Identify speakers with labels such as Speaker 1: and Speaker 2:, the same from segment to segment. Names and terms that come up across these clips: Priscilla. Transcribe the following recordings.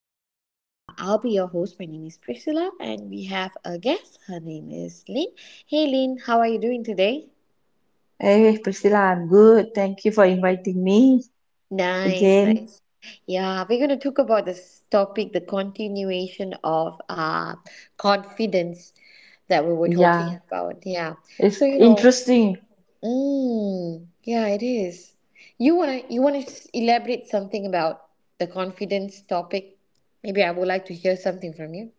Speaker 1: today I'll be your host. My name is Priscilla, and we have a guest. Her name is Lynn. Hey, Lynn, how are you doing today?
Speaker 2: Hey Priscilla, I'm good. Thank you for inviting me
Speaker 1: Nice,
Speaker 2: again.
Speaker 1: nice. Yeah, we're going to talk about this topic, the continuation of confidence that we were talking
Speaker 2: Yeah,
Speaker 1: about. Yeah.
Speaker 2: it's
Speaker 1: So, you know,
Speaker 2: interesting.
Speaker 1: Mm, yeah, it is. Elaborate something about the confidence topic? Maybe I would like to hear something from you.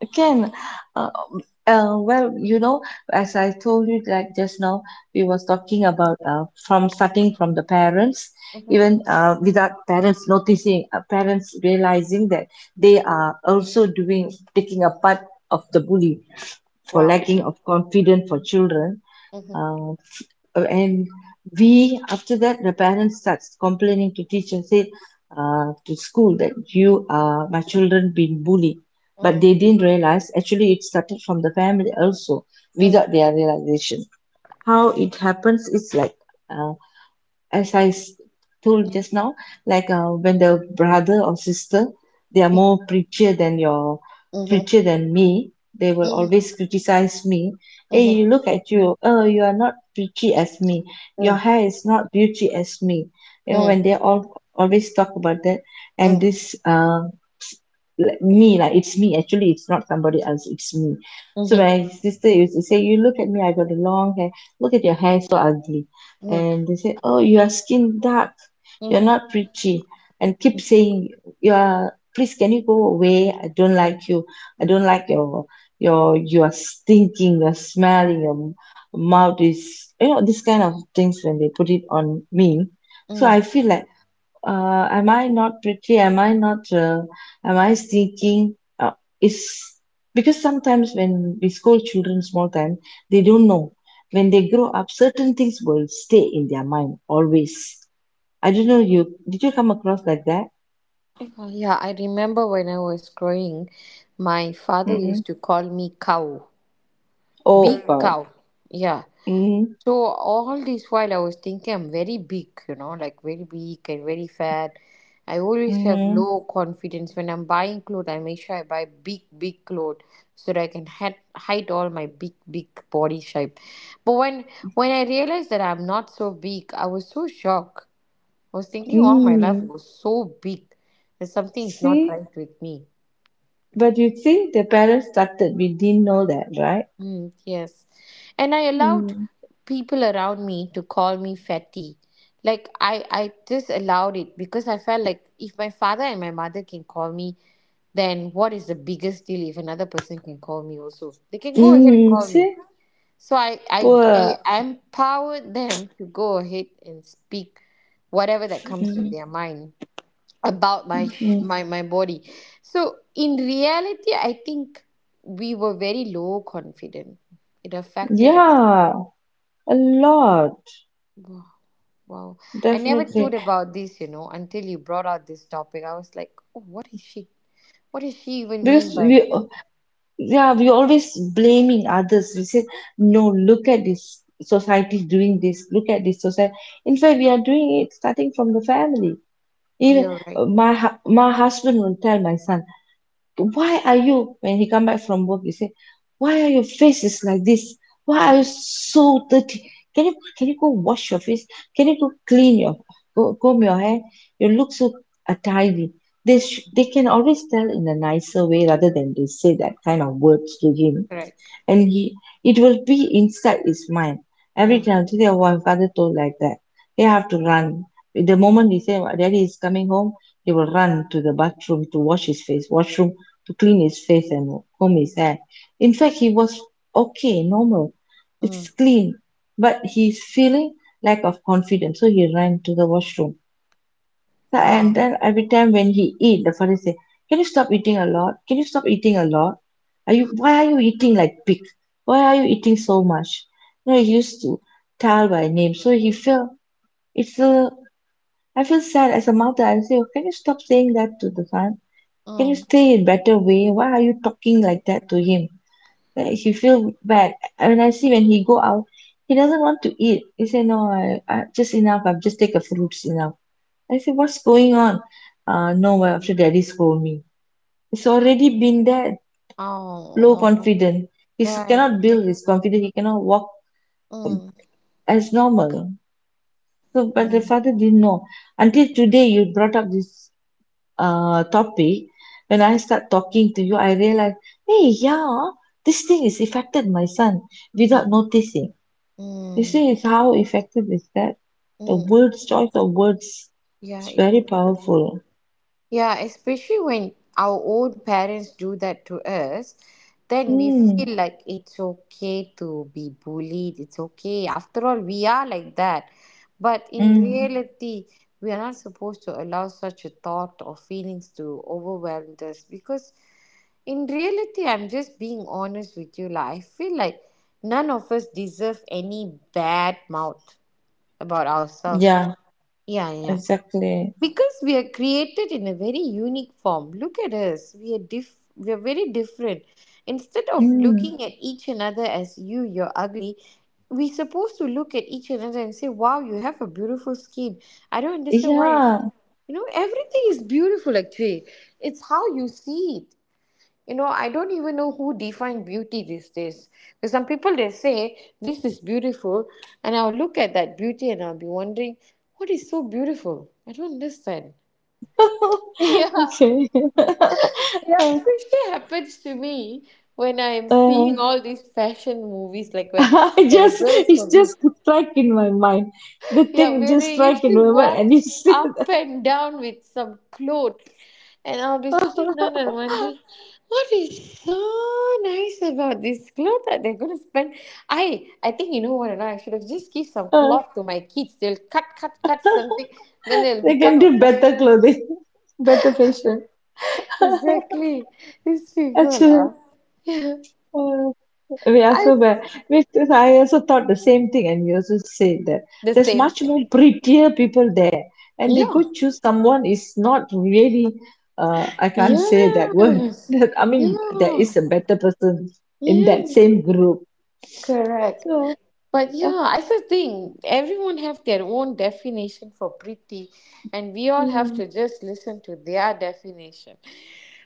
Speaker 2: Again, uh, well, as I told you, like just now, we was talking about from starting from the parents,
Speaker 1: Mm-hmm.
Speaker 2: even without parents noticing, parents realizing that they are also doing taking a part of the bully for
Speaker 1: Wow.
Speaker 2: lacking of confidence for children.
Speaker 1: Mm-hmm.
Speaker 2: Uh, and we after that the parents starts complaining to teacher say to school that you my children been bullied but
Speaker 1: Mm.
Speaker 2: they didn't realize actually it started from the family also without
Speaker 1: Mm-hmm.
Speaker 2: their realization. How it happens is like uh, as told just now, like when the brother or sister, they are more preacher than your preacher than me. They will
Speaker 1: Mm-hmm.
Speaker 2: always criticize me. Hey, you
Speaker 1: Mm-hmm.
Speaker 2: look at you. Oh, you are not preachy as me. Your
Speaker 1: Mm.
Speaker 2: hair is not beauty as me. You know
Speaker 1: Mm.
Speaker 2: when they all always talk about that, and
Speaker 1: Mm.
Speaker 2: this like me like it's me. Actually, it's not somebody else. It's me. So my
Speaker 1: Mm.
Speaker 2: sister used to say, "You look at me. I got a long hair. Look at your hair, so ugly." And they say, "Oh, your skin dark, you're
Speaker 1: Mm.
Speaker 2: not pretty," and keep saying, "You are please, can you go away? I don't like you. I
Speaker 1: Mm.
Speaker 2: don't like your you are stinking, your are smelling, your mouth is you know this kind of things when they put it on me." So
Speaker 1: Mm.
Speaker 2: I feel like am I not pretty? Am I not, am I seeking? Is because sometimes when we scold children small time, they don't know. When they grow up, certain things will stay in their mind always. I don't know you, did you come across like that?
Speaker 1: Yeah, I remember when I was growing, my father
Speaker 2: Mm-mm.
Speaker 1: used to call me cow, big
Speaker 2: Oh, God.
Speaker 1: cow. Yeah.
Speaker 2: Mm,
Speaker 1: So all this while I was thinking I'm very big, you know, like very big and very fat. I always have
Speaker 2: mm,
Speaker 1: low confidence when I'm buying clothes. I make sure I buy big, big clothes so that I can hide all my big, big body shape. But when I realized that I'm not so big, I was so shocked. I was thinking all my life I
Speaker 2: mm.
Speaker 1: was so big that something is not
Speaker 2: See?
Speaker 1: right with me.
Speaker 2: But you see, the parents started. We didn't know that, right?
Speaker 1: Mm, yes. And I allowed
Speaker 2: Mm.
Speaker 1: people around me to call me fatty. Like I just allowed it because I felt like if my father and my mother can call me, then what is the biggest deal if another person can call me also? They can go ahead and
Speaker 2: Mm,
Speaker 1: call
Speaker 2: see?
Speaker 1: me. So
Speaker 2: Poor.
Speaker 1: I empowered them to go ahead and speak whatever that comes to
Speaker 2: Mm,
Speaker 1: their mind about my
Speaker 2: mm.
Speaker 1: my body. So in reality, I think we were very low confident. It affected us.
Speaker 2: Yeah. A lot,
Speaker 1: Wow, I never thought
Speaker 2: definitely.
Speaker 1: about this until you brought out this topic. I was like, oh, what is she, what does she even mean
Speaker 2: Because we,
Speaker 1: by?
Speaker 2: yeah, we always blaming others. We say, no, look at this society doing this. Look at this society. In fact, we are doing it starting from the family. Even
Speaker 1: You're right.
Speaker 2: my husband will tell my son, why are you when he come back from work he say why are your face is like this, why are you so dirty, can you go wash your face, can you go clean your, go comb your hair, you look so untidy. They can always tell in a nicer way rather than they say that kind of words to him.
Speaker 1: Correct.
Speaker 2: And he, it will be inside his mind every
Speaker 1: Mm.
Speaker 2: time. Today our father told like that, they have to run. The moment he say daddy is coming home, he will run to the bathroom to wash his face, washroom to clean his face and comb his hair. In fact he was okay, normal,
Speaker 1: Mm.
Speaker 2: it's clean, but he's feeling lack of confidence, so he ran to the washroom. So and
Speaker 1: Wow.
Speaker 2: then every time when he eat, the father say, "Can you stop eating a lot? Can you stop eating a lot? Are you why are you eating like pig? Why are you eating so much?" You know, he used to tell by name. So he feel it's a, I feel sad as a mother. I say, oh, "Can you stop saying that to the son? Can you
Speaker 1: Mm.
Speaker 2: stay in better way? Why are you talking like that to him?" He feel bad. When I see when he go out, he doesn't want to eat. He say, "No, I just enough. I've just take a fruits enough." I say, what's going on? No, well, after daddy scold me. He's already been there, low
Speaker 1: Oh,
Speaker 2: confident. He
Speaker 1: right,
Speaker 2: cannot build
Speaker 1: right.
Speaker 2: his confidence. He cannot walk
Speaker 1: Mm.
Speaker 2: as normal. So, but the
Speaker 1: Mm.
Speaker 2: father didn't know. Until today, you brought up this topic. When I start talking to you, I realize, hey, yeah, this thing is affected my son without
Speaker 1: Mm.
Speaker 2: noticing. You
Speaker 1: Mm.
Speaker 2: see, it's how effective is that? The
Speaker 1: Mm.
Speaker 2: words, choice of words,
Speaker 1: Yeah,
Speaker 2: it's
Speaker 1: it.
Speaker 2: very powerful.
Speaker 1: Yeah, especially when our own parents do that to us, then we feel
Speaker 2: Mm,
Speaker 1: like it's okay to be bullied. It's okay. After all, we are like that. But in
Speaker 2: mm,
Speaker 1: reality, we are not supposed to allow such a thought or feelings to overwhelm us, because in reality, I'm just being honest with you. Like, I feel like none of us deserve any bad mouth about ourselves.
Speaker 2: yeah.
Speaker 1: Yeah, yeah,
Speaker 2: Exactly.
Speaker 1: because we are created in a very unique form. Look at us, we are diff we are very different. Instead of
Speaker 2: Mm.
Speaker 1: looking at each another as, you, you're ugly, we're supposed to look at each another and say, wow, you have a beautiful skin. I don't understand why you,
Speaker 2: Yeah.
Speaker 1: you know, everything is beautiful actually. It's how you see it. You know, I don't even know who define beauty these days, because some people they say this is beautiful, and I'll look at that beauty and I'll be wondering, what is so beautiful? I don't understand. Yeah,
Speaker 2: Okay.
Speaker 1: yeah, especially happens to me when I am
Speaker 2: Uh,
Speaker 1: seeing all these fashion movies, like
Speaker 2: I
Speaker 1: where the
Speaker 2: just
Speaker 1: girls
Speaker 2: it's
Speaker 1: review.
Speaker 2: just strike in my mind. The
Speaker 1: Yeah,
Speaker 2: thing
Speaker 1: where
Speaker 2: just
Speaker 1: they
Speaker 2: strike in
Speaker 1: usually
Speaker 2: my mind,
Speaker 1: walk
Speaker 2: and you
Speaker 1: up
Speaker 2: said
Speaker 1: and down with some clothes, and I'll be sitting down and wondering what is so nice about this cloth that they're gonna spend. I think, you know what, or not, I should have just give some
Speaker 2: uh,
Speaker 1: cloth to my kids. They'll cut, cut, cut something, then they'll
Speaker 2: they can
Speaker 1: become a
Speaker 2: do
Speaker 1: fashion.
Speaker 2: better clothing, better fashion.
Speaker 1: Exactly, these people
Speaker 2: Actually.
Speaker 1: are.
Speaker 2: uh. We are
Speaker 1: I
Speaker 2: so bad. Because I also thought the same thing, and you also said that
Speaker 1: the
Speaker 2: there's
Speaker 1: same
Speaker 2: much
Speaker 1: thing.
Speaker 2: more prettier people there, and they
Speaker 1: Yeah.
Speaker 2: could choose someone is not really. I can't say that word.
Speaker 1: Yes.
Speaker 2: That I mean, there is
Speaker 1: Yeah.
Speaker 2: a better person in that
Speaker 1: Yeah.
Speaker 2: same group.
Speaker 1: Correct.
Speaker 2: So,
Speaker 1: But
Speaker 2: uh,
Speaker 1: yeah, that's the thing. Everyone have their own definition for pretty, and we all have
Speaker 2: mm,
Speaker 1: to just listen to their definition.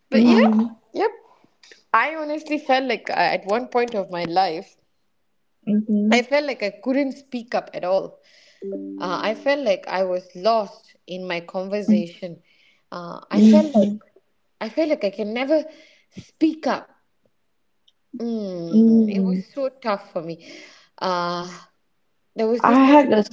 Speaker 1: But yeah,
Speaker 2: mm,
Speaker 1: yep. I honestly felt like at one point of my life, I
Speaker 2: mhm,
Speaker 1: felt like I couldn't speak up at all. I felt like I was lost in my
Speaker 2: mm,
Speaker 1: conversation. I
Speaker 2: mhm,
Speaker 1: felt like,
Speaker 2: mm.
Speaker 1: I felt like I can never speak up. Mm, it was
Speaker 2: Mm.
Speaker 1: so tough for me. Uh, there was this
Speaker 2: I
Speaker 1: one.
Speaker 2: had a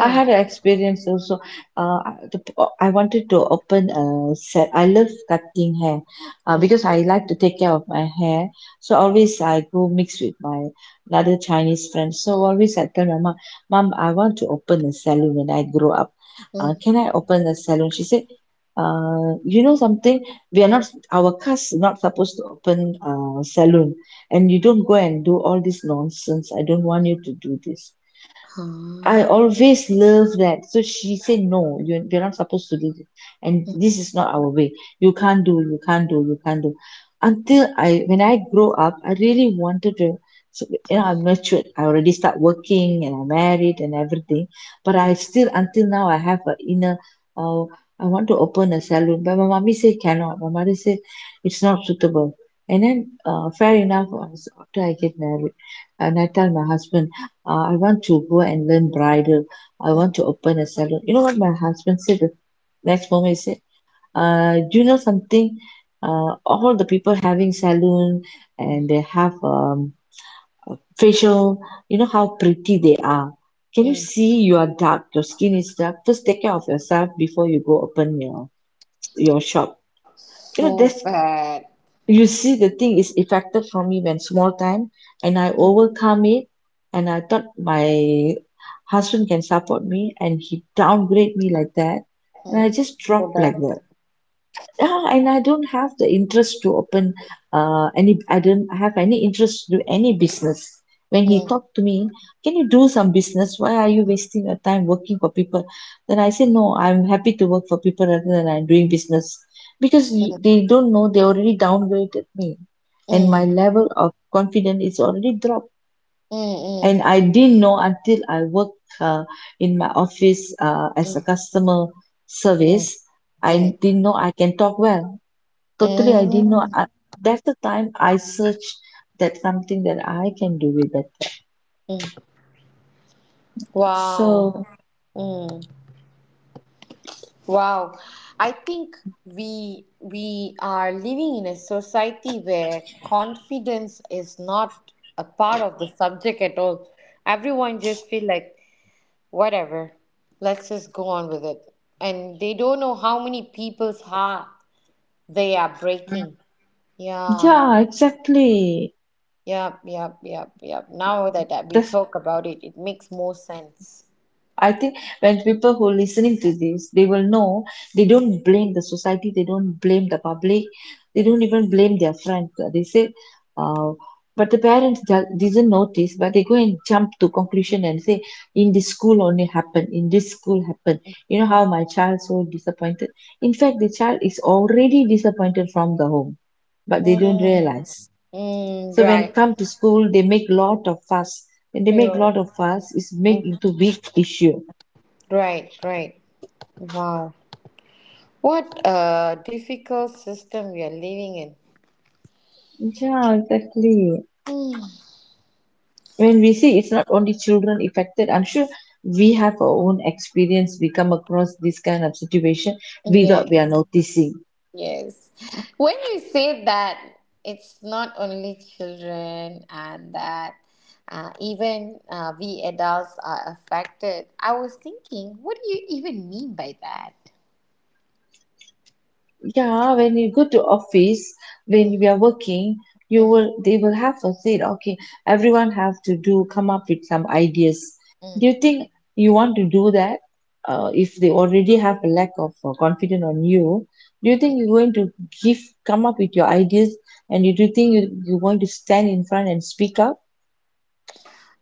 Speaker 2: I had an experience also. Uh, the, I wanted to open a set. I love cutting hair because I like to take care of my hair. So always I go mix with my other Chinese friends. So always I tell my mom, mom, I want to open a salon when I grow up.
Speaker 1: Mm.
Speaker 2: Can I open a salon? She said, you know something? We are not, our caste is not supposed to open a salon. And you don't go and do all this nonsense. I don't want you to do this. I
Speaker 1: Huh.
Speaker 2: always love that. So she said, no, you're, we're not supposed to do this. And this is not our way. You can't do. Until I, when I grow up, I really wanted to, so, you know, I'm matured. I already start working and I'm married and everything. But
Speaker 1: Mm.
Speaker 2: I still, until now, I have a inner, oh, I want to open a salon. But my mommy said, cannot. My mother said, it's not suitable. And then, fair enough, after I get married, and I tell my husband, I want to go and learn bridal. I
Speaker 1: Mm.
Speaker 2: want to open a salon. You know what my husband said the next moment? He said, do you know something? All the people having salon
Speaker 1: Mm.
Speaker 2: and they have facial, you know how pretty they are. Can you
Speaker 1: Mm.
Speaker 2: see you are dark? Your skin is dark. First, take care of yourself before you go open your shop. You know,
Speaker 1: So
Speaker 2: that's,
Speaker 1: bad.
Speaker 2: you see, the thing is effected from me when small time, and I
Speaker 1: Mm,
Speaker 2: overcome it. And I thought my husband can support me, and he downgrade me like that,
Speaker 1: mm.
Speaker 2: and I just
Speaker 1: So
Speaker 2: dropped like
Speaker 1: bad.
Speaker 2: that. Yeah, and I don't have the interest to open I don't have any interest to do any business. When he
Speaker 1: Mm,
Speaker 2: talked to me, can you do some business? Why are you wasting your time working for people? Then I say, no, I'm happy to work for people rather than I'm doing business. Because
Speaker 1: mm,
Speaker 2: they don't know, they already downgraded me. And
Speaker 1: mm,
Speaker 2: my level of confidence is already dropped.
Speaker 1: mm,
Speaker 2: And I didn't know until I worked in my office as a customer
Speaker 1: mm,
Speaker 2: service.
Speaker 1: mm,
Speaker 2: I didn't know I can talk well. Totally, I didn't know.
Speaker 1: mm.
Speaker 2: I, that's the time I searched that something that I can do with that.
Speaker 1: Wow.
Speaker 2: So,
Speaker 1: Mm. Wow. I think we are living in a society where confidence is not a part of the subject at all. Everyone just feel like, whatever, let's just go on with it. And they don't know how many people's heart they are breaking. Yeah.
Speaker 2: yeah, exactly.
Speaker 1: Yep, yep, yep, yep. Now that we
Speaker 2: That's,
Speaker 1: talk about it, it makes more sense.
Speaker 2: I think when people who are listening to this, they will know they don't blame the society, they don't blame the public, they don't even blame their friends. They say, uh, but the parents didn't notice, but they go and jump to conclusion and say, in this school only happened, in this school happened. You know how my child so disappointed. In fact, the child is already disappointed from the home, but they don't
Speaker 1: Mm,
Speaker 2: realize.
Speaker 1: mm,
Speaker 2: So when
Speaker 1: right.
Speaker 2: come to school, they make lot of fuss. When they make
Speaker 1: Yeah.
Speaker 2: lot of fuss, it's make
Speaker 1: Mm.
Speaker 2: into big issue.
Speaker 1: Right, right. Wow. What a difficult system we are living in.
Speaker 2: Yeah, exactly.
Speaker 1: Hmm.
Speaker 2: When we see it's not only children affected, I'm sure we have our own experience. We come across this kind of situation
Speaker 1: Yeah,
Speaker 2: without we are noticing.
Speaker 1: yes. When you say that, it's not only children and that, even we adults are affected. I was thinking, what do you even mean by that?
Speaker 2: Yeah, when you go to office, when we are working, you
Speaker 1: Mm-hmm.
Speaker 2: will they will have to say, okay, everyone have to do come up with some ideas.
Speaker 1: Mm.
Speaker 2: Do you think you want to do that? If they already have a lack of confidence on you, do you think you're going to give come up with your ideas and you do think you're going to stand in front and speak up?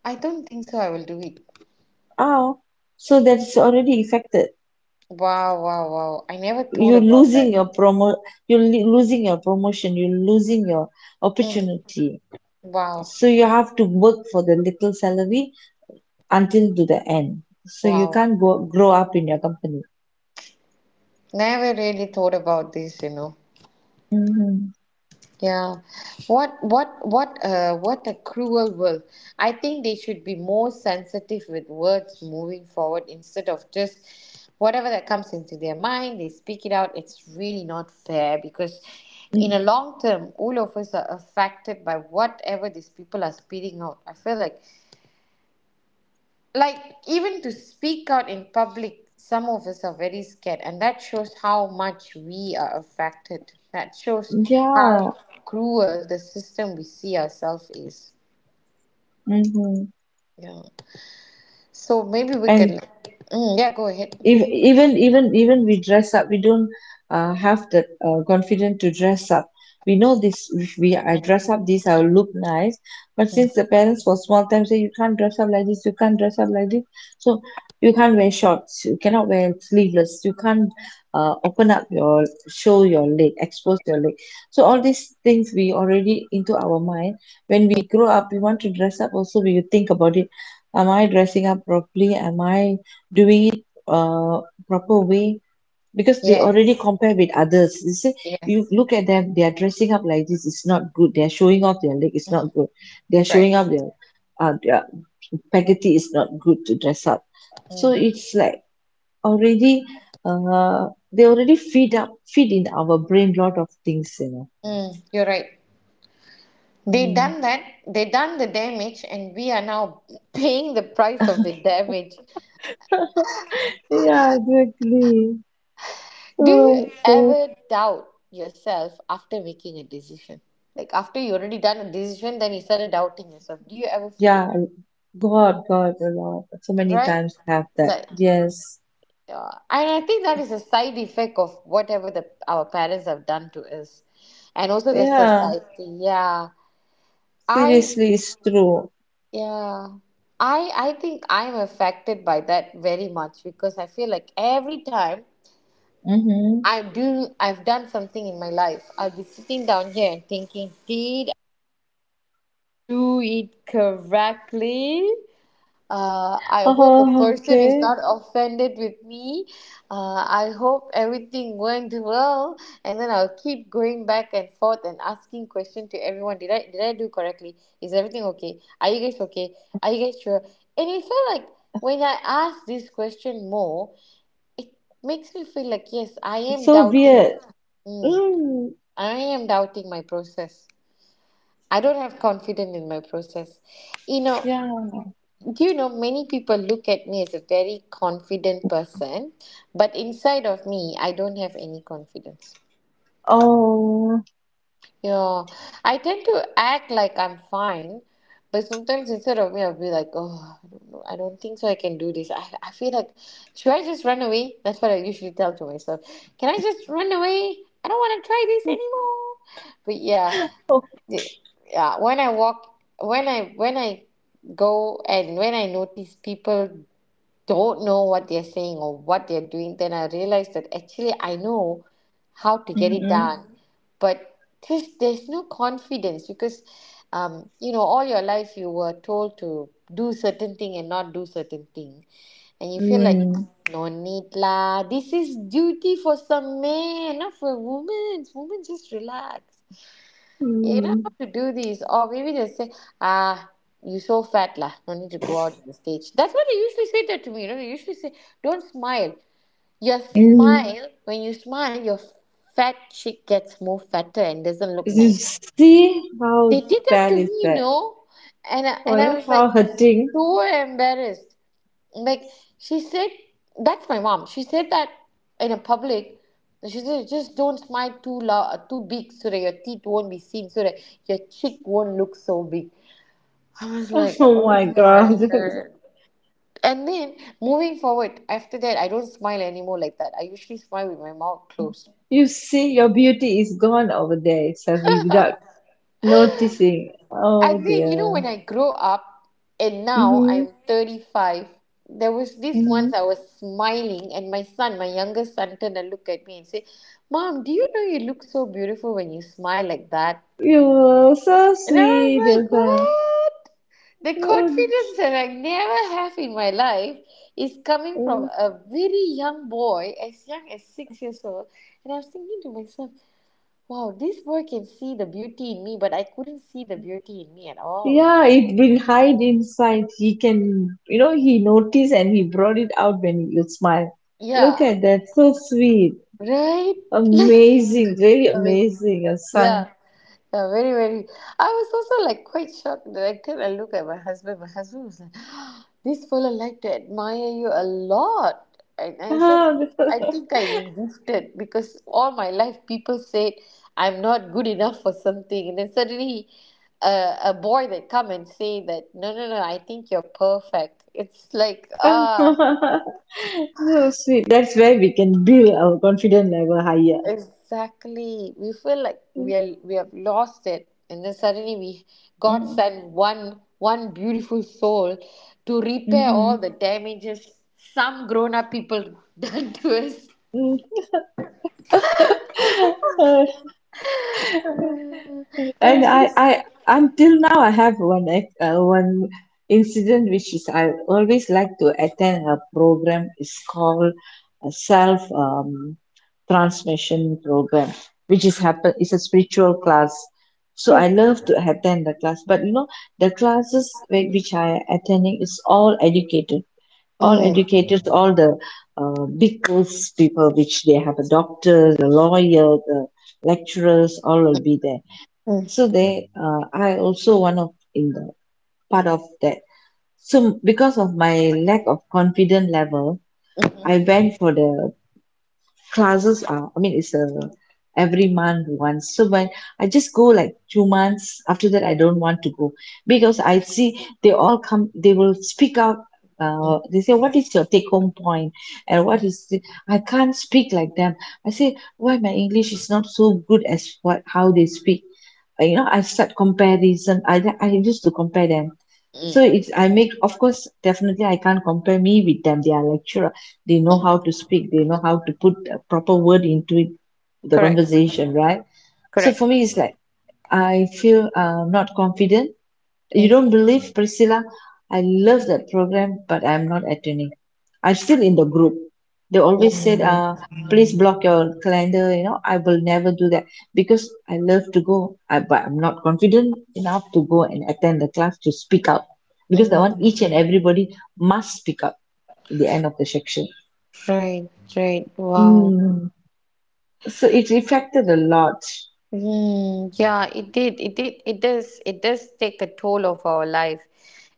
Speaker 1: I don't think so I will do it.
Speaker 2: Oh, so that's already affected.
Speaker 1: Wow, wow, wow. I never thought
Speaker 2: You're
Speaker 1: about
Speaker 2: losing
Speaker 1: that.
Speaker 2: your promo, you're losing your promotion, you're losing your
Speaker 1: Mm.
Speaker 2: opportunity.
Speaker 1: Wow,
Speaker 2: So you have to work for the little salary until to the end. So you
Speaker 1: wow.
Speaker 2: can't go grow up in your company.
Speaker 1: Never really thought about this, you know.
Speaker 2: Mm-hmm.
Speaker 1: Yeah. What a cruel world. I think they should be more sensitive with words moving forward, instead of just whatever that comes into their mind, they speak it out. It's really not fair, because in a long term, all of us are affected by whatever these people are spitting out. I feel like, even to speak out in public, some of us are very scared, and that shows how much we are affected, that shows how
Speaker 2: Yeah.
Speaker 1: cruel the system we see ourselves is.
Speaker 2: Mm-hmm.
Speaker 1: Yeah. So maybe we can,
Speaker 2: And
Speaker 1: mm, yeah, go ahead.
Speaker 2: even even we dress up, we don't have that confidence to dress up. We know this, if we I dress up this, I will look nice. But since the parents, for small time, say you can't dress up like this, you can't dress up like this. So you can't wear shorts, you cannot wear sleeveless, you can't open up your, show your leg, expose your leg. So all these things we already into our mind. When we grow up, we want to dress up also, we think about it. Am I dressing up properly? Am I doing it uh, proper way? Because they already
Speaker 1: Yes,
Speaker 2: compare with others. You see, you
Speaker 1: yes.
Speaker 2: look at them, they are dressing up like this, it's not good. They are showing off their leg, it's
Speaker 1: Mm,
Speaker 2: not good. They are
Speaker 1: right.
Speaker 2: showing off their spaghetti, is not good to dress up.
Speaker 1: Mm,
Speaker 2: So it's like already, uh, they already feed up, feed in our brain lot of things, you know.
Speaker 1: mm. You're right. They
Speaker 2: Mm.
Speaker 1: done that, they done the damage, and we are now paying the price of the damage.
Speaker 2: Yeah, exactly.
Speaker 1: Do you
Speaker 2: So,
Speaker 1: ever doubt yourself after making a decision? Like after you already done a decision, then you started doubting yourself. Do you ever feel like
Speaker 2: yeah,
Speaker 1: that?
Speaker 2: God, God, a lot. So many
Speaker 1: Right?
Speaker 2: times have that.
Speaker 1: Like,
Speaker 2: Yes.
Speaker 1: yeah. And I think that is a side effect of whatever the our parents have done to us, and also the
Speaker 2: Yeah.
Speaker 1: society. Yeah. I,
Speaker 2: Seriously, it's true.
Speaker 1: yeah. I think I'm affected by that very much, because I feel like every time
Speaker 2: Mm-hmm.
Speaker 1: I've done something in my life, I'll be sitting down here and thinking, did do it correctly. I hope the
Speaker 2: Oh,
Speaker 1: person is
Speaker 2: okay.
Speaker 1: not offended with me. I hope everything went well, and then I'll keep going back and forth and asking question to everyone. Did I do correctly? Is everything okay? Are you guys okay? Are you guys sure? And I feel like, when I ask this question more, makes me feel like yes, I am
Speaker 2: So
Speaker 1: doubting.
Speaker 2: weird.
Speaker 1: Mm,
Speaker 2: Mm,
Speaker 1: I am doubting my process. I don't have confidence in my process. You know,
Speaker 2: yeah.
Speaker 1: do you know many people look at me as a very confident person, but inside of me, I don't have any confidence.
Speaker 2: Oh.
Speaker 1: You know, I tend to act like I'm fine, but sometimes inside of me, I'll be like, oh, I don't know, I don't think so I can do this. I feel like, should I just run away? That's what I usually tell to myself. Can I just run away? I don't want to try this anymore. But yeah,
Speaker 2: Oh.
Speaker 1: the- yeah. When I walk, when I go, and when I notice people don't know what they're saying or what they're doing, then I realize that actually I know how to get it
Speaker 2: Mm-hmm.
Speaker 1: done. Mhm. But just there's no confidence because, you know, all your life you were told to do certain thing and not do certain thing, and you feel like,
Speaker 2: Mm,
Speaker 1: mm, no need lah. This is duty for some man, not for women. Women just relax. Yeah, you don't
Speaker 2: mm,
Speaker 1: have to do this. Or maybe they say, ah, you're so fat, lah. No need to go out on the stage. That's what they usually say that to me. You know, they usually say, don't smile. Your
Speaker 2: mm.
Speaker 1: smile, when you smile, your fat chick gets more fatter and doesn't look
Speaker 2: You
Speaker 1: nice.
Speaker 2: see how
Speaker 1: They did that to
Speaker 2: bad
Speaker 1: me,
Speaker 2: is
Speaker 1: you
Speaker 2: that?
Speaker 1: know, and I,
Speaker 2: Oh,
Speaker 1: and I
Speaker 2: yeah,
Speaker 1: was like
Speaker 2: how hurting.
Speaker 1: so embarrassed. Like, she said, that's my mom, she said that in a public. She said, just don't smile too loud, too big, so that your teeth won't be seen, so that your cheek won't look so big. I was like,
Speaker 2: Oh
Speaker 1: oh
Speaker 2: my
Speaker 1: my
Speaker 2: God.
Speaker 1: god. And then moving forward after that, I don't smile anymore like that. I usually smile with my mouth closed.
Speaker 2: You see, your beauty is gone over there, Selfie, without noticing.
Speaker 1: I
Speaker 2: Oh
Speaker 1: think, you know, when
Speaker 2: dear.
Speaker 1: I grow up and now
Speaker 2: Mm-hmm.
Speaker 1: I'm 35, there was this once
Speaker 2: Mm-hmm.
Speaker 1: I was smiling, and my son, my youngest son, turned and looked at me and said, Mom, do you know you look so beautiful when you smile like that?
Speaker 2: You were so
Speaker 1: And I was
Speaker 2: sweet,
Speaker 1: like, what? The confidence
Speaker 2: Ilsa.
Speaker 1: that I never have in my life is coming from a very young boy, as young as six years old. And I was thinking to myself, wow, this boy can see the beauty in me, but I couldn't see the beauty in me at all.
Speaker 2: Yeah, it will hide inside. He can, you know, he noticed and he brought it out when you smile. Look
Speaker 1: Yeah,
Speaker 2: at that, so sweet,
Speaker 1: right? Like,
Speaker 2: amazing, really
Speaker 1: okay.
Speaker 2: amazing, your son.
Speaker 1: Yeah, yeah, very, very. I was also like quite shocked. The next time I look at my husband was like, "This fella like to admire you a lot," and I said,
Speaker 2: Ah,
Speaker 1: "I think I'm gifted because all my life people said I'm not good enough for something, and then suddenly." A boy that come and say that, no, no, no, I think you're perfect. It's like, ah.
Speaker 2: so sweet. That's where we can build our confidence level higher.
Speaker 1: Exactly. We feel like we are we have lost it, and then suddenly we, God sent one beautiful soul to repair all the damages some grown up people done to us.
Speaker 2: Mm-hmm.
Speaker 1: There
Speaker 2: And
Speaker 1: was
Speaker 2: I,
Speaker 1: this.
Speaker 2: I until now I have one incident which is, I always like to attend a program. It's called a self transmission program, which is happen. It's a spiritual class. So I love to attend the class. But you know the classes which I attending is all educated, all
Speaker 1: Mm,
Speaker 2: educators, all the big girls people, which they have a doctor, the lawyer, the lecturers, all will be there.
Speaker 1: mm,
Speaker 2: So they, I also one of in the part of that. So because of my lack of confidence level, I went for the classes are, I mean it's a every month once. So when I just go like 2 months after that, I don't want to go, because I see they all come, they will speak out, they say, what is your take home point? And what is it? I can't speak like them. I say, why my English is not so good as what how they speak? You know, I start comparison, I used to compare them. So
Speaker 1: mm,
Speaker 2: it's, I make, of course, definitely I can't compare me with them, they are lecturer, they know how
Speaker 1: mm.
Speaker 2: to speak, they know how to put a proper word into it, the
Speaker 1: Correct.
Speaker 2: conversation, right? So for
Speaker 1: Correct.
Speaker 2: me, it's like I feel not confident. You
Speaker 1: Mm,
Speaker 2: don't believe, Priscilla, I love that program, but I'm not attending. I'm still in the group. They always said, uh, please block your calendar, you know. I will never do that, because I love to go, I, but I'm not confident enough to go and attend the class, to speak up, because the want
Speaker 1: mm.
Speaker 2: each and everybody must speak up at the end of the section.
Speaker 1: Right. Right. Wow.
Speaker 2: Mm. So it affected a lot.
Speaker 1: Mm, yeah, it did. It did. It does. It does take a toll of our life.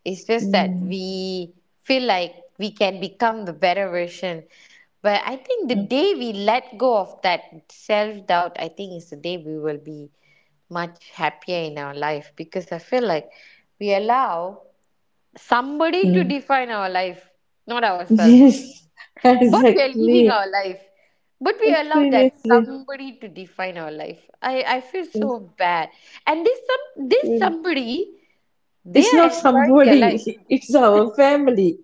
Speaker 1: It's just that
Speaker 2: Mm.
Speaker 1: we feel like we can become the better version. But I think the
Speaker 2: Mm.
Speaker 1: day we let go of that self doubt, I think is the day we will be much happier in our life, because I feel like we allow somebody to
Speaker 2: Mm.
Speaker 1: define our life, not ourselves.
Speaker 2: Yes,
Speaker 1: But we are living
Speaker 2: exactly.
Speaker 1: our life. But we allow that
Speaker 2: Seriously,
Speaker 1: somebody to define our life. I feel so bad. And this some, this
Speaker 2: seriously.
Speaker 1: somebody, they
Speaker 2: It's
Speaker 1: are
Speaker 2: not
Speaker 1: enjoying their life,
Speaker 2: somebody, it's our family,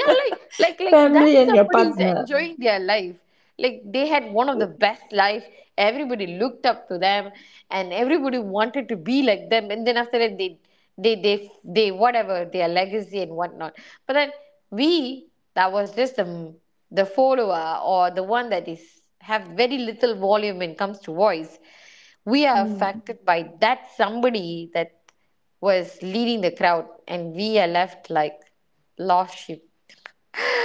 Speaker 1: yeah, like, like that
Speaker 2: family and your
Speaker 1: somebody is
Speaker 2: partner.
Speaker 1: enjoying their life, like they had one of the best life. Everybody looked up to them and everybody wanted to be like them, and then after that they, they they whatever their legacy and whatnot, but then we, that was just the follower or the one that is have very little volume when it comes to voice. We are
Speaker 2: Mm.
Speaker 1: affected by that somebody that was leading the crowd, and we are left like lost sheep,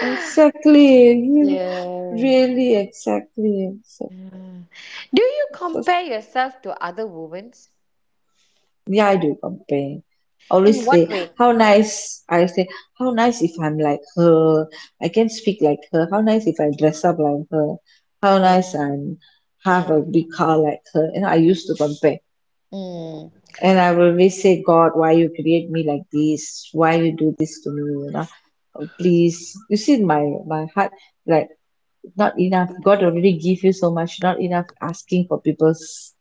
Speaker 2: Exactly. You-
Speaker 1: yeah.
Speaker 2: really, exactly, exactly.
Speaker 1: Do you
Speaker 2: So,
Speaker 1: compare yourself to other women?
Speaker 2: yeah, I do complain.
Speaker 1: In
Speaker 2: Always
Speaker 1: what
Speaker 2: say
Speaker 1: way?
Speaker 2: how nice. I say how nice if I'm like her. I can speak like her. How nice if I dress up like her. How nice I'm have
Speaker 1: Mm.
Speaker 2: a big car like her. You know, I used to compare,
Speaker 1: Mm.
Speaker 2: and I will always say, God, why you create me like this? Why you do this to me? You know, oh, please. You see, my heart like not enough. God already give you so much. Not enough, asking for people's,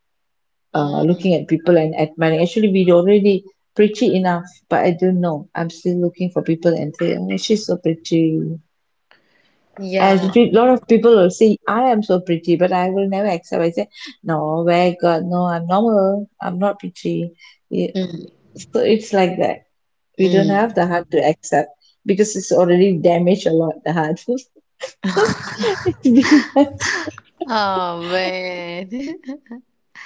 Speaker 1: Mm.
Speaker 2: looking at people and admiring. Actually, we already pretty enough, but I don't know. I'm still looking for people and say, oh, she's so pretty. A
Speaker 1: Yeah.
Speaker 2: lot of people will say I am so pretty, but I will never accept. I say no, where God, no, I'm normal, I'm not pretty. Yeah.
Speaker 1: Mm.
Speaker 2: So it's like that. We don't
Speaker 1: Mm.
Speaker 2: have the heart to accept because it's already damaged a lot, the heart. It's been that.
Speaker 1: Oh man.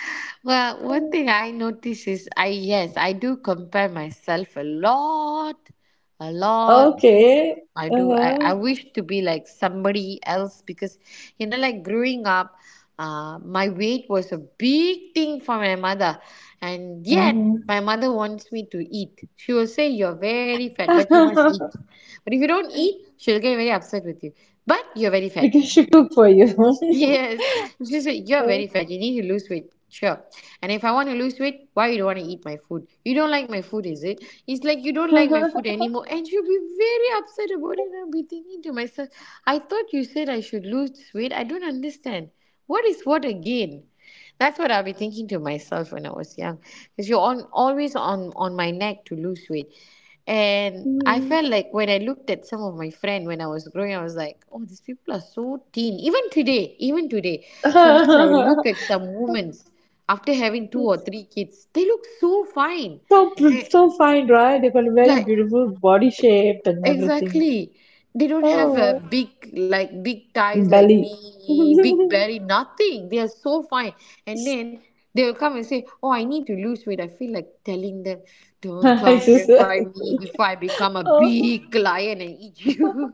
Speaker 1: Well, one thing I notice is, I, yes, I do compare myself a lot. A lot.
Speaker 2: Okay.
Speaker 1: I do. I,
Speaker 2: Uh-huh.
Speaker 1: I wish to be like somebody else because, you know, like growing up, my weight was a big thing for my mother. And yet,
Speaker 2: Hmm.
Speaker 1: my mother wants me to eat. She will say, "You're very fat, but you must eat. But if you don't eat," she'll get very upset with you. "But you're very fat."
Speaker 2: because she cooked for you.
Speaker 1: Yes, she said, "You're
Speaker 2: Mm.
Speaker 1: very fat. You need to lose weight. Sure. And if I want to lose weight, why you don't want to eat my food? You don't like my food, is it? It's like you don't like my
Speaker 2: So
Speaker 1: food anymore." And she'll be very upset about it. And I'll be thinking to myself, "I thought you said I should lose weight. I don't understand. What is what again?" That's what I'll be thinking to myself when I was young, because you're on, always on my neck to lose weight, and I felt like when I looked at some of my friend when I was growing, I was like, "Oh, these people are so thin." Even today, sometimes I will look at some women's after having two or three kids, they look so fine, and
Speaker 2: so fine, right? They got a
Speaker 1: like,
Speaker 2: very beautiful body shape and everything.
Speaker 1: exactly. They don't have a
Speaker 2: Oh,
Speaker 1: big, like, big ties like
Speaker 2: belly.
Speaker 1: me, big belly, nothing. They are so fine. And then they will come and say, "Oh, I need to lose weight." I feel like telling them, "Don't come nearby
Speaker 2: Exactly.
Speaker 1: me before I become a
Speaker 2: Oh.
Speaker 1: big lion and eat you."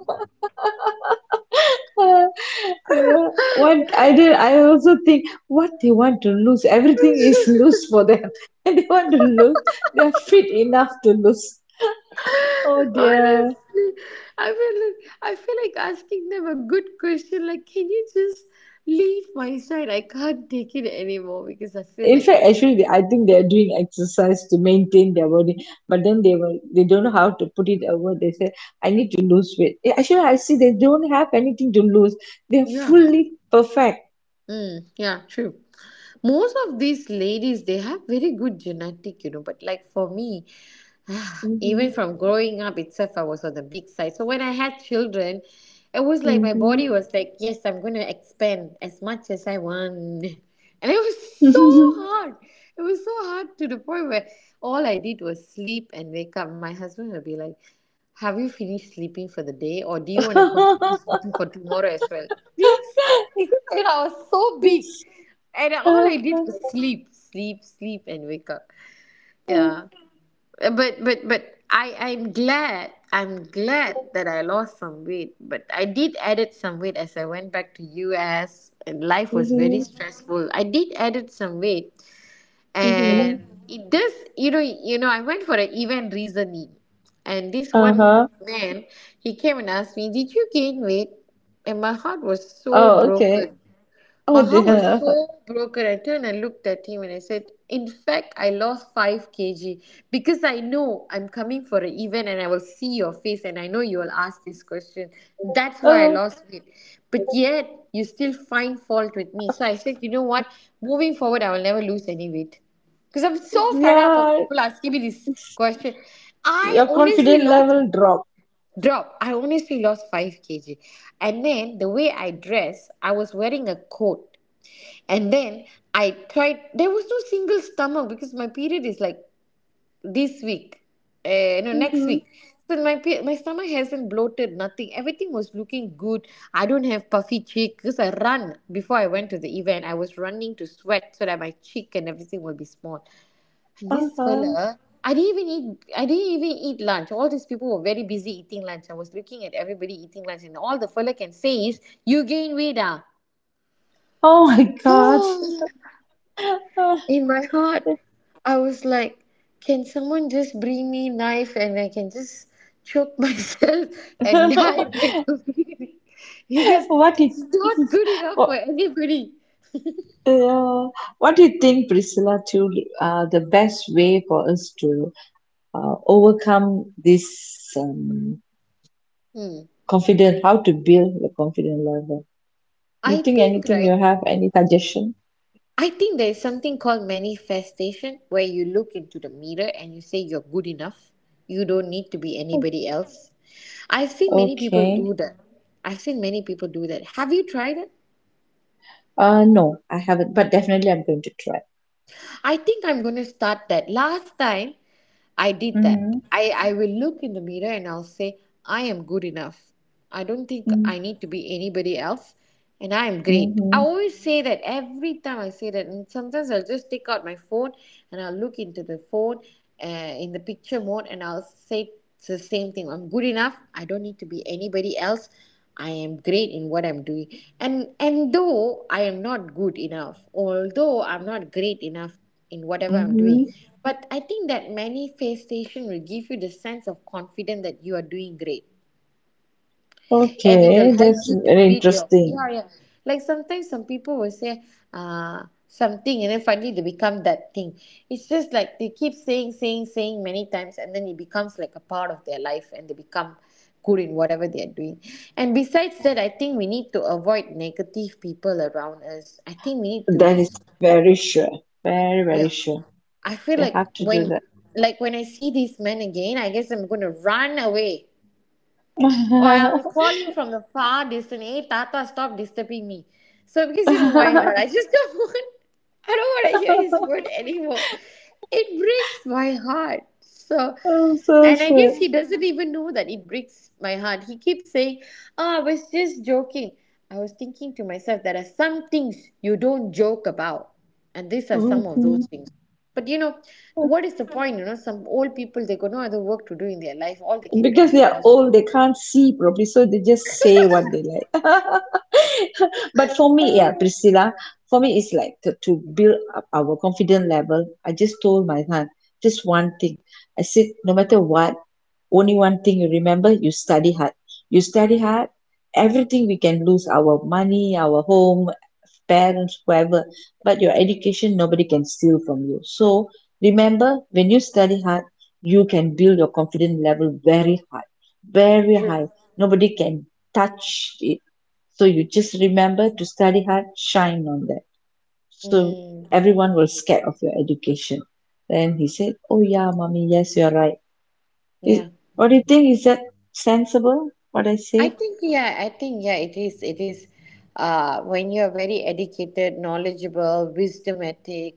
Speaker 2: Yeah. What I did, I also think what they want to lose. Everything is loose for them, and they want to lose. They are fit enough to lose. Oh dear.
Speaker 1: Honestly, I feel like, I feel like asking them a good question, like, can you just leave my side? I can't take it anymore because I feel
Speaker 2: In
Speaker 1: like,
Speaker 2: fact, actually they, I think they are doing exercise to maintain their body, but then they will, they don't know how to put it over, they say I need to lose weight. Eh, actually I see they don't have anything to lose, they're
Speaker 1: yeah.
Speaker 2: fully perfect.
Speaker 1: Mm, yeah, true. Most of these ladies they have very good genetic, you know, but like for me,
Speaker 2: Hmm.
Speaker 1: even from growing up itself, I was on the big side. So when I had children, it was like my
Speaker 2: Hmm.
Speaker 1: body was like, yes, I'm going to expand as much as I want. And it was
Speaker 2: Hmm.
Speaker 1: so
Speaker 2: Hmm.
Speaker 1: hard, it was so hard to the point where all I did was sleep and wake up. My husband would be like, "Have you finished sleeping for the day or do you want to continue sleeping for tomorrow as well?" It's like, and I was so big, and all I did was sleep, sleep, sleep and wake up, yeah. But but I'm glad, I'm glad that I lost some weight, but I did added some weight as I went back to US, and life was very stressful. I did added some weight, and it does, you know, you know, I went for an event recently, and this one
Speaker 2: Uh-huh.
Speaker 1: man, he came and asked me, "Did you gain weight?" And my heart was so
Speaker 2: Oh, okay.
Speaker 1: broken.
Speaker 2: Oh
Speaker 1: Maha was
Speaker 2: dear.
Speaker 1: so broken. I turned and looked at him and I said, "In fact, I lost 5 kg, because I know I'm coming for an event and I will see your face and I know you will ask this question. That's why I
Speaker 2: Oh
Speaker 1: lost weight." But yet, you still find fault with me. So I said, "You know what? Moving forward, I will never lose any weight. Because I'm so fed up of
Speaker 2: yeah,
Speaker 1: people asking me this question." I
Speaker 2: your
Speaker 1: honestly
Speaker 2: confidence
Speaker 1: lost,
Speaker 2: level drop.
Speaker 1: drop. I honestly lost 5 kg. And then the way I dress, I was wearing a coat. And then I tried, there was no single stomach because my period is like this week, no, next
Speaker 2: Hmm.
Speaker 1: week. So my, pe- my stomach hasn't bloated, nothing. Everything was looking good. I don't have puffy cheek because I run before I went to the event. I was running to sweat so that my cheek and everything will be small. And this
Speaker 2: Uh-huh.
Speaker 1: fella, I didn't even eat. I didn't even eat lunch. All these people were very busy eating lunch. I was looking at everybody eating lunch, and all the fella can say is, "You gain weight, ah."
Speaker 2: Oh my God.
Speaker 1: In my heart, I was like, can someone just bring me knife and I can just choke myself and die right away? Because
Speaker 2: What do
Speaker 1: it's
Speaker 2: you,
Speaker 1: not good enough for
Speaker 2: what,
Speaker 1: anybody.
Speaker 2: uh, what do you think, Priscilla, to the best way for us to overcome this um,
Speaker 1: Hmm.
Speaker 2: confidence, how to build the confidence level? You
Speaker 1: I
Speaker 2: think
Speaker 1: think,
Speaker 2: anything
Speaker 1: right?
Speaker 2: you have, any suggestion?
Speaker 1: I think there is something called manifestation where you look into the mirror and you say you're good enough. You don't need to be anybody else. I've seen many people
Speaker 2: Okay.
Speaker 1: do that. I've seen many people do that. Have you tried it?
Speaker 2: No, I haven't, but definitely I'm going to try.
Speaker 1: I think I'm going to start that. Last time, I did that.
Speaker 2: Mm-hmm.
Speaker 1: I will look in the mirror and I'll say, "I am good enough. I don't think
Speaker 2: Mm-hmm.
Speaker 1: I need to be anybody else." And I am great. I
Speaker 2: Mm-hmm.
Speaker 1: always say that every time I say that. And sometimes I'll just take out my phone and I'll look into the phone, uh, in the picture mode, and I'll say, it's the same thing. "I'm good enough. I don't need to be anybody else. I am great in what I'm doing." And though I am not good enough, although I'm not great enough in whatever I'm
Speaker 2: Mm-hmm.
Speaker 1: doing. But I think that manifestation will give you the sense of confidence that you are doing great, and it will
Speaker 2: Okay,
Speaker 1: help
Speaker 2: that's
Speaker 1: you to
Speaker 2: very
Speaker 1: build your.
Speaker 2: interesting.
Speaker 1: Yeah, yeah. Like sometimes some people will say something, and then finally they become that thing. It's just like they keep saying, saying, saying many times, and then it becomes like a part of their life and they become good in whatever they are doing. And besides that, I think we need to avoid negative people around us. I think we need to,
Speaker 2: That is very sure. Very, very
Speaker 1: yeah.
Speaker 2: sure.
Speaker 1: I feel
Speaker 2: We
Speaker 1: like
Speaker 2: have to do
Speaker 1: when,
Speaker 2: that.
Speaker 1: like when I see this man again, I guess I'm gonna run away. Or I'll call him from the far distance, "Hey Tata, stop disturbing me." So because, you know, why
Speaker 2: I'm
Speaker 1: not? I just don't want, I don't wanna hear his word anymore. It breaks my heart. So,
Speaker 2: so
Speaker 1: and I guess
Speaker 2: sad.
Speaker 1: he doesn't even know that it breaks my heart. He keeps saying, "Oh, I was just joking." I was thinking to myself, there are some things you don't joke about. And these are some of those
Speaker 2: Hmm.
Speaker 1: things. But you know, what is the point? You know, some old people, they got no other work to do in their life. All they can do
Speaker 2: Because
Speaker 1: is
Speaker 2: they are
Speaker 1: gossip.
Speaker 2: old, they can't see properly, so they just say what they like. But for me, yeah, Priscilla, for me, it's like to build up our confidence level, I just told my son just one thing. I said, no matter what, only one thing you remember, you study hard, you study hard. Everything we can lose, our money, our home, parents, whoever, but your education nobody can steal from you. So remember, when you study hard, you can build your confidence level very high, very
Speaker 1: True.
Speaker 2: high. Nobody can touch it. So you just remember to study hard, shine on that. So
Speaker 1: Mm,
Speaker 2: everyone will scared of your education. Then he said, oh yeah mommy, yes you're right. Is
Speaker 1: yeah.
Speaker 2: what do you think, is that sensible what I
Speaker 1: I
Speaker 2: said?
Speaker 1: think yeah, I think yeah, it is. It is, when you are very educated, knowledgeable, wisdomatic.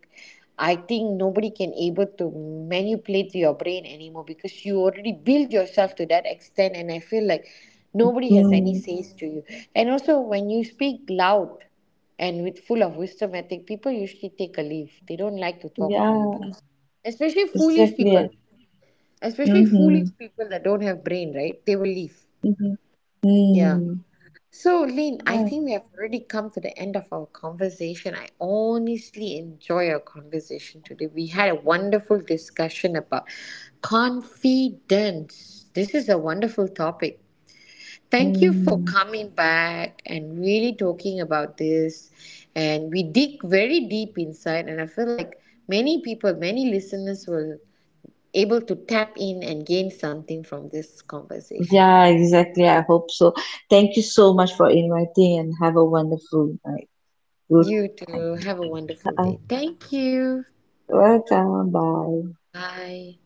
Speaker 1: I think nobody can able to manipulate your brain anymore because you already build yourself to that extent, and I feel like nobody has any
Speaker 2: Mm.
Speaker 1: says to you. And also, when you speak loud and with full of wisdomatic, people usually take a leave. They don't like to talk to you
Speaker 2: Yeah,
Speaker 1: because, especially foolish people,
Speaker 2: exactly.
Speaker 1: especially foolish
Speaker 2: Mm-hmm.
Speaker 1: people that don't have brain, right? They will leave.
Speaker 2: Mm-hmm.
Speaker 1: Yeah.
Speaker 2: Mm,
Speaker 1: So, Lynn, I
Speaker 2: right.
Speaker 1: think we have already come to the end of our conversation. I honestly enjoy our conversation today. We had a wonderful discussion about confidence. This is a wonderful topic. Thank you for
Speaker 2: Mm.
Speaker 1: coming back and really talking about this. And we dig very deep inside, and I feel like many people, many listeners will able to tap in and gain something from this conversation.
Speaker 2: Yeah, exactly. I hope so. Thank you so much for inviting and have a wonderful night. Good
Speaker 1: You
Speaker 2: night.
Speaker 1: too. Have a wonderful
Speaker 2: Uh,
Speaker 1: day. Thank you.
Speaker 2: Welcome. Bye.
Speaker 1: 拜。